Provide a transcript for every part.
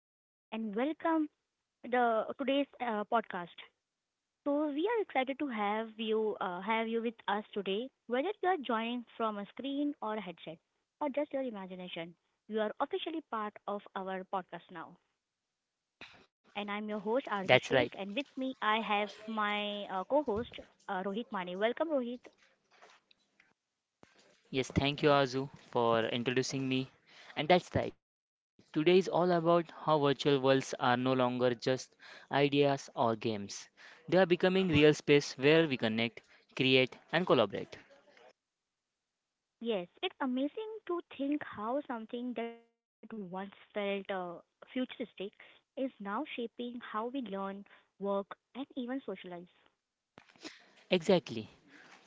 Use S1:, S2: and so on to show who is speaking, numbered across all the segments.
S1: everyone and welcome the today's podcast. So we are excited to have you with us today. Whether you are joining from a screen or a headset or just your imagination, you are officially part of our podcast now. And I'm your host
S2: That's
S1: Arzu
S2: right.
S1: Sheikh, and with me I have my co-host Rohit Mane. Welcome Rohit.
S2: Yes, thank you, Azu, for introducing me. And that's right. Today is all about how virtual worlds are no longer just ideas or games. They are becoming real space where we connect, create, and collaborate.
S1: Yes, it's amazing to think how something that once felt futuristic is now shaping how we learn, work, and even socialize.
S2: Exactly.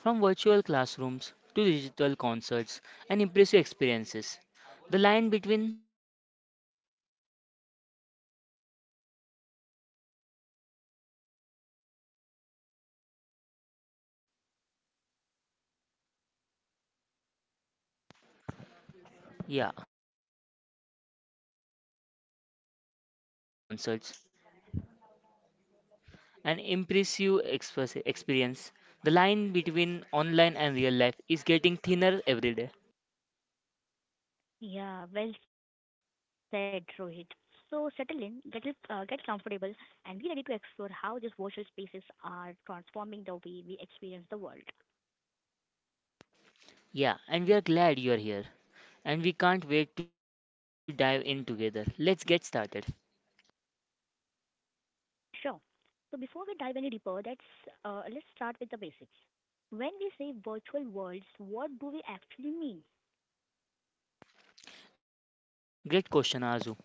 S2: From virtual classrooms to digital concerts and impressive experiences, the line between online and real life is getting thinner every day. Yeah, exactly. From virtual classrooms to digital concerts an impressive experience. The line between online and real life is getting thinner every day.
S1: Yeah, well said, Rohit. So settle in, get comfortable, and be ready to explore how these virtual spaces are transforming the way we experience the world.
S2: Yeah, and we are glad you are here. And we can't wait to dive in together. Let's get started.
S1: Sure. So before we dive any deeper, that's let's start with the basics. When we say virtual worlds, what do we actually mean?
S2: Great question, Arzu.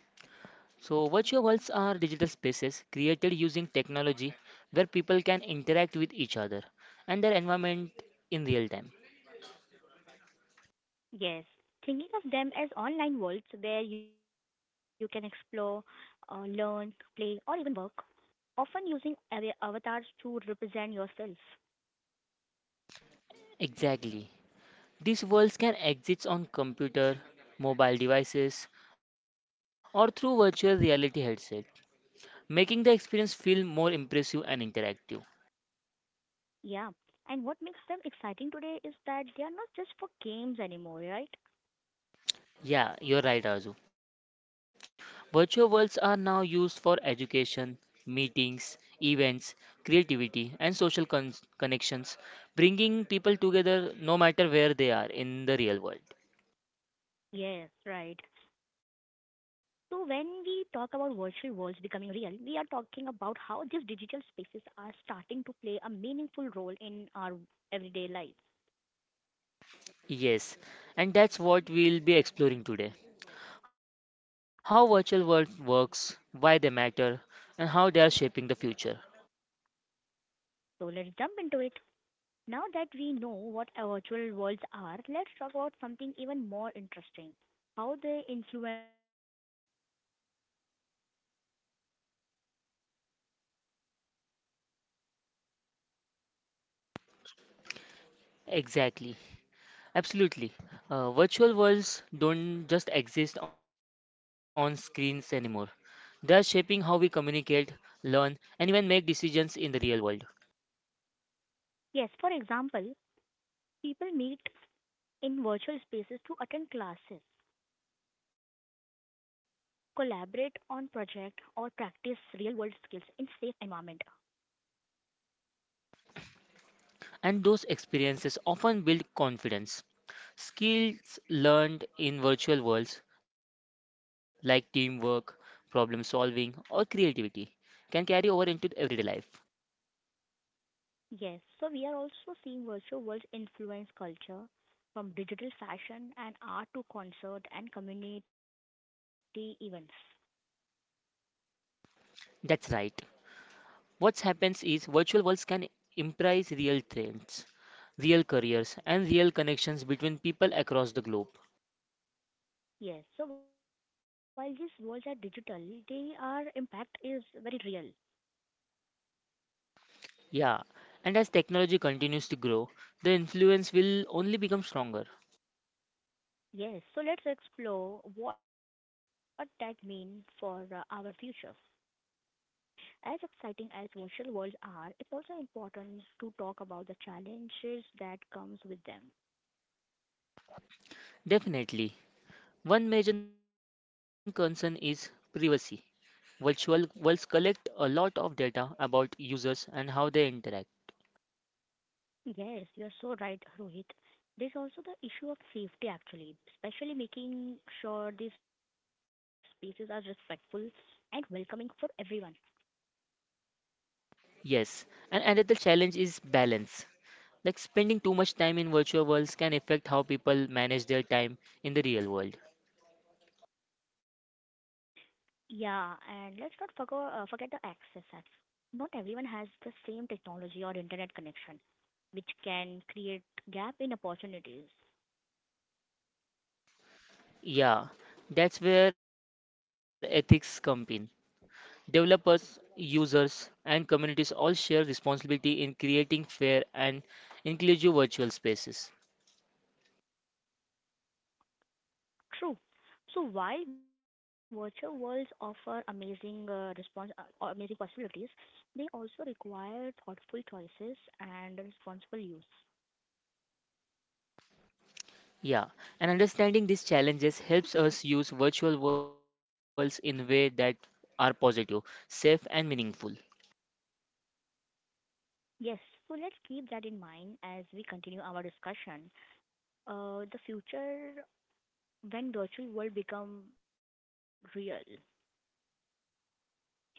S2: So, virtual worlds are digital spaces created using technology where people can interact with each other and their environment in real time.
S1: Yes, thinking of them as online worlds where you can explore, learn, play, or even work, often using avatars to represent yourself.
S2: Exactly. These worlds can exist on computer, mobile devices, or through virtual reality headsets making the experience feel more impressive and interactive.
S1: Yeah, and what makes them exciting today is that they are not just for games anymore, right?
S2: Yeah, you're right, Azu. Virtual worlds are now used for education, meetings, events, creativity, and social connections, bringing people together no matter where they are in the real world.
S1: Yes, right. So when we talk about virtual worlds becoming real, we are talking about how these digital spaces are starting to play a meaningful role in our everyday life.
S2: Yes, and that's what we'll be exploring today how virtual world works, why they matter, and how they are shaping the future.
S1: So let's jump into it. Now that we know what our virtual worlds are, let's talk about something even more interesting: how they influence our real lives.
S2: Exactly. Absolutely. Virtual worlds don't just exist on screens anymore. They are shaping how we communicate, learn, and even make decisions in the real world.
S1: Yes, for example, people meet in virtual spaces to attend classes, collaborate on projects, or practice real world skills in safe environment.
S2: And those experiences often build confidence. Skills learned in virtual worlds, like teamwork, problem solving, or creativity, can carry over into everyday life.
S1: Yes, so we are also seeing virtual worlds influence culture from digital fashion and art to concert and community events.
S2: That's right. What happens is virtual worlds can imprise real trends, real careers, and real connections between people across the globe.
S1: Yes, so while these worlds are digital, their impact is very real.
S2: Yeah, and as technology continues to grow, the influence will only become stronger.
S1: Yes, so let's explore what that means for our future. As exciting as virtual worlds are, it's also important to talk about the challenges that comes with them.
S2: Definitely. One major concern is privacy. Virtual worlds collect a lot of data about users and how they interact.
S1: Yes, you are so right, Rohit. There's also the issue of safety actually, especially making sure these spaces are respectful and welcoming for everyone.
S2: Yes, and another challenge is balance. Like spending too much time in virtual worlds can affect how people manage their time in the real world.
S1: Yeah, and let's not forget the access. Not everyone has the same technology or internet connection, which can create gap in opportunities.
S2: Yeah, that's where ethics come in. Developers, users, and communities all share responsibility in creating fair and inclusive virtual spaces.
S1: True. So while virtual worlds offer amazing response, or amazing possibilities, they also require thoughtful choices and responsible use.
S2: Yeah, and understanding these challenges helps us use virtual worlds in ways that are positive, safe, and meaningful.
S1: Yes, so let's keep that in mind as we continue our discussion. The future when virtual world become real. Future ends.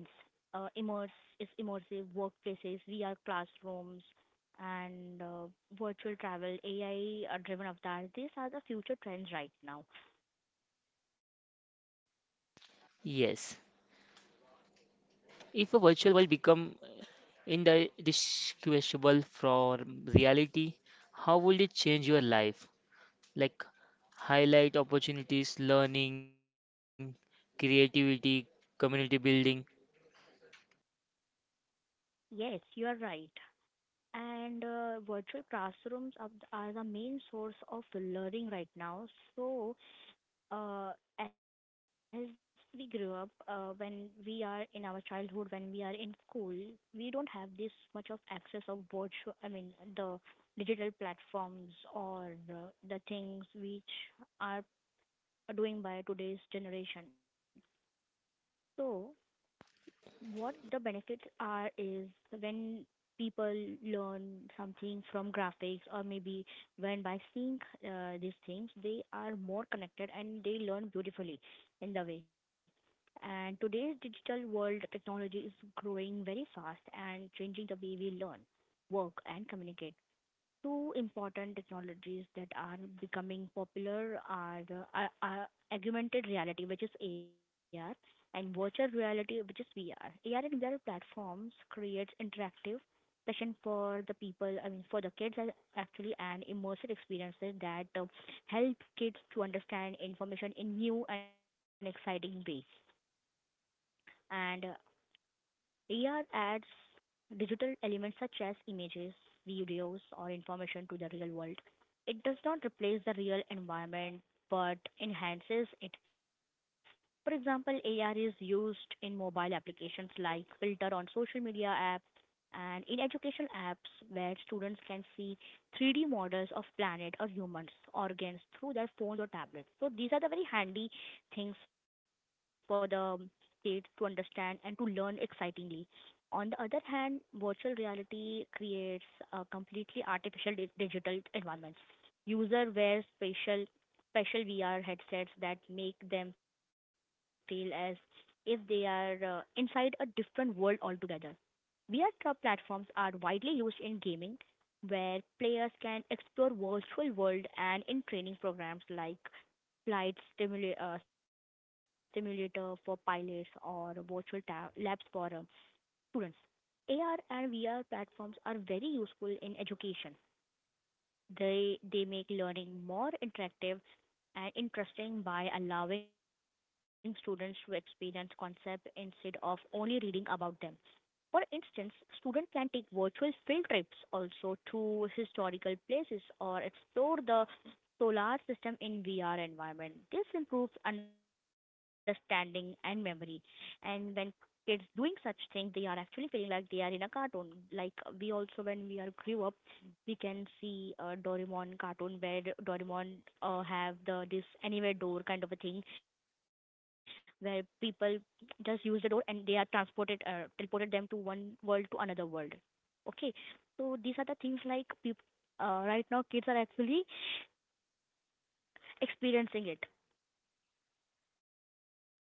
S1: Immerse is Immersive workplaces, VR classrooms, and virtual travel, AI-driven avatar. These are the future trends right now.
S2: Yes. If a virtual world become indistinguishable from reality, how would it change your life? Like highlight opportunities, learning, creativity, community building.
S1: Yes, you are right. And virtual classrooms are are the main source of learning right now. So uh, as we grew up, when we are in our childhood, when we are in school, we don't have this much of access of virtual, I mean, the digital platforms or the things which are doing by today's generation. So what the benefits are is when people learn something from graphics, or maybe when by seeing these things they are more connected and they learn beautifully in the way. And today's digital world technology is growing very fast and changing the way we learn, work, and communicate. Two important technologies that are becoming popular are are augmented reality, which is AR, and virtual reality, which is VR. AR and VR platforms creates interactive session for the people, I mean, for the kids actually, and immersive experiences that help kids to understand information in new and exciting ways. And AR adds digital elements such as images, videos, or information to the real world. It does not replace the real environment but enhances it. For example, AR is used in mobile applications like Filter on social media apps, and in education apps where students can see 3D models of planet or humans organs through their phones or tablets. So these are the very handy things for the kids to understand and to learn excitingly. On the other hand, virtual reality creates a completely artificial digital environment. User wear special VR headsets that make them feel as if they are inside a different world altogether. VR platforms are widely used in gaming, where players can explore virtual world, and in training programs like flight simulator for pilots, or virtual labs for students. AR and VR platforms are very useful in education. They make learning more interactive and interesting by allowing students to experience concepts instead of only reading about them. For instance, students can take virtual field trips also to historical places, or explore the solar system in VR environment. This improves understanding and memory. And when kids doing such things, they are actually feeling like they are in a cartoon. Like we also, when we are grew up, we can see a Doraemon cartoon where Doraemon have the this anywhere door kind of a thing, where people just use the door and they are transported teleported them to one world to another world. Okay, so these are the things like right now kids are actually experiencing it. Also,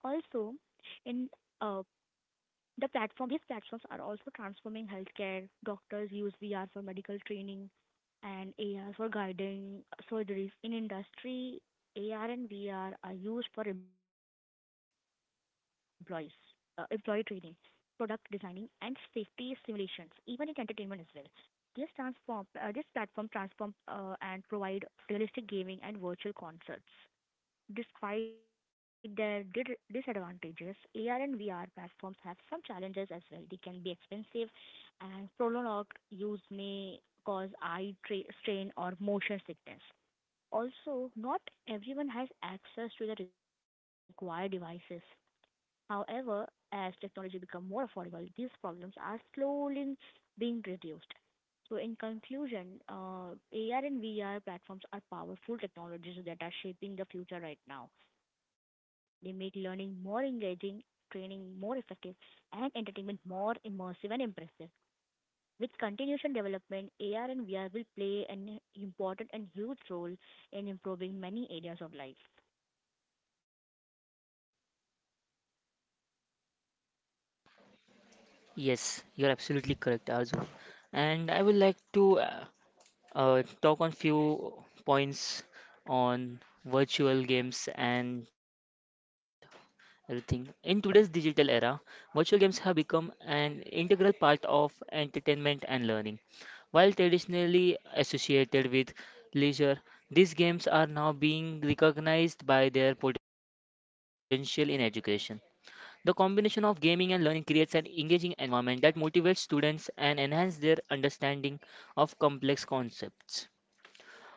S1: in uh, these platforms are also transforming healthcare. Doctors use VR for medical training and AR for guiding surgeries. In industry, AR and VR are used for employee training, product designing, and safety simulations, even in entertainment as well. This platform transform and provide realistic gaming and virtual concerts. Despite their disadvantages, AR and VR platforms have some challenges as well. They can be expensive, and prolonged use may cause eye strain or motion sickness. Also, not everyone has access to the required devices. However, as technology becomes more affordable, these problems are slowly being reduced. So in conclusion, AR and VR platforms are powerful technologies that are shaping the future right now. They make learning more engaging, training more effective, and entertainment more immersive and impressive. With continuation development, AR and VR will play an important and huge role in improving many areas of life.
S2: Yes, you're absolutely correct, Arzu. And I would like to talk on few points on virtual games and everything. In today's digital era, virtual games have become an integral part of entertainment and learning. While traditionally associated with leisure, these games are now being recognized by their potential in education. The combination of gaming and learning creates an engaging environment that motivates students and enhances their understanding of complex concepts.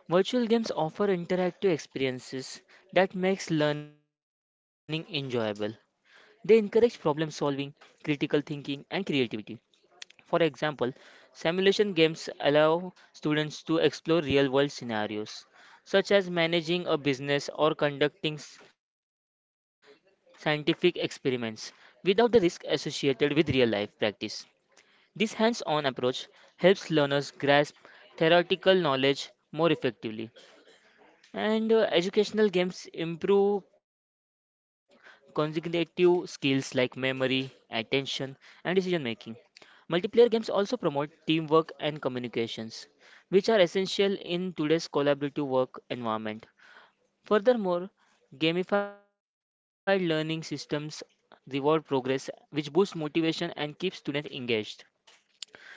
S2: Virtual games offer interactive experiences that makes learning enjoyable. They encourage problem solving, critical thinking, and creativity. For example, simulation games allow students to explore real world scenarios, such as managing a business or conducting scientific experiments, without the risk associated with real life practice. This hands on approach helps learners grasp theoretical knowledge more effectively and educational games improve cognitive skills like memory, attention, and decision making. Multiplayer games also promote teamwork and communications, which are essential in today's collaborative work environment. Furthermore, gamified learning systems reward progress, which boosts motivation and keeps students engaged.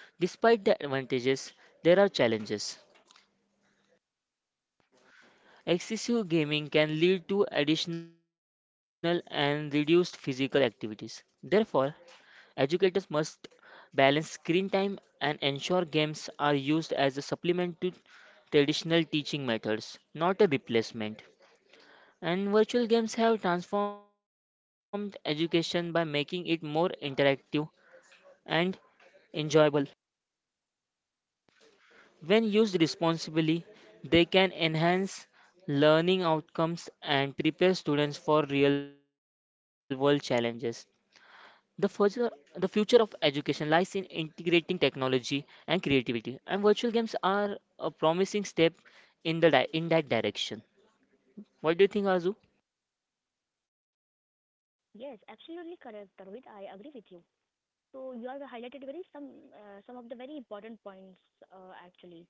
S2: Despite the advantages, there are challenges. Excessive gaming can lead to additional and reduced physical activities. Therefore, educators must balance screen time and ensure games are used as a supplement to traditional teaching methods, not a replacement. And virtual games have transformed education by making it more interactive and enjoyable. When used responsibly, they can enhance learning outcomes and prepare students for real world challenges. The future of education lies in integrating technology and creativity, and virtual games are a promising step in that direction. What do you think, Azu?
S1: Yes, absolutely correct, Rohit. I agree with you. So you have highlighted very some of the very important points actually.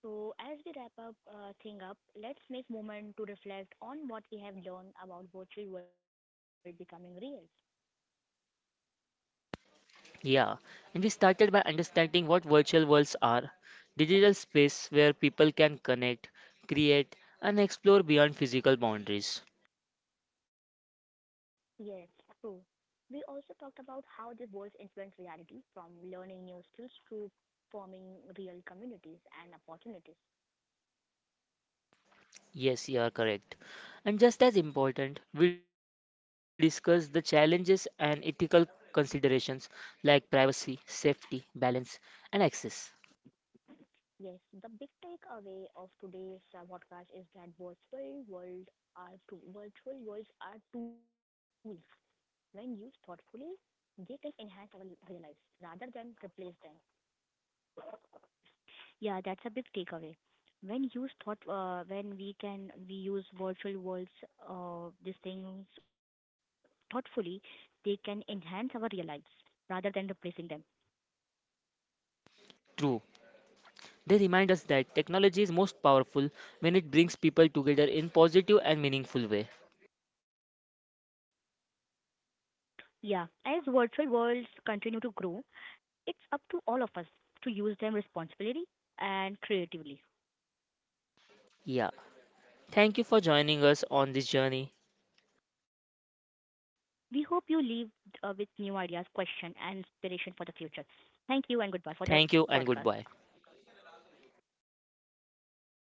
S1: So as we wrap up thing up, let's make moment to reflect on what we have learned about virtual world becoming real.
S2: Yeah, and we started by understanding what virtual worlds are digital space where people can connect, create, and explore beyond physical boundaries.
S1: Yes, true. We also talked about how these worlds influence reality, from learning new skills to forming real communities and opportunities.
S2: Yes, you are correct. And just as important, we discuss the challenges and ethical considerations like privacy, safety, balance, and access.
S1: Yes, the big takeaway of today's podcast is that virtual worlds are tools. When used thoughtfully, they can enhance our real lives rather than replace them. Yeah, that's a big takeaway. When when we can we use virtual worlds, these things thoughtfully, they can enhance our real lives rather than replacing them.
S2: True, they remind us that technology is most powerful when it brings people together in positive and meaningful way.
S1: Yeah, as virtual worlds continue to grow, it's up to all of us to use them responsibly and creatively.
S2: Yeah. Thank you for joining us on this journey.
S1: We hope you leave with new ideas, question, and inspiration for the future. Thank you
S2: Thank
S1: and
S2: you
S1: goodbye
S2: and
S1: for the
S2: goodbye.
S1: podcast.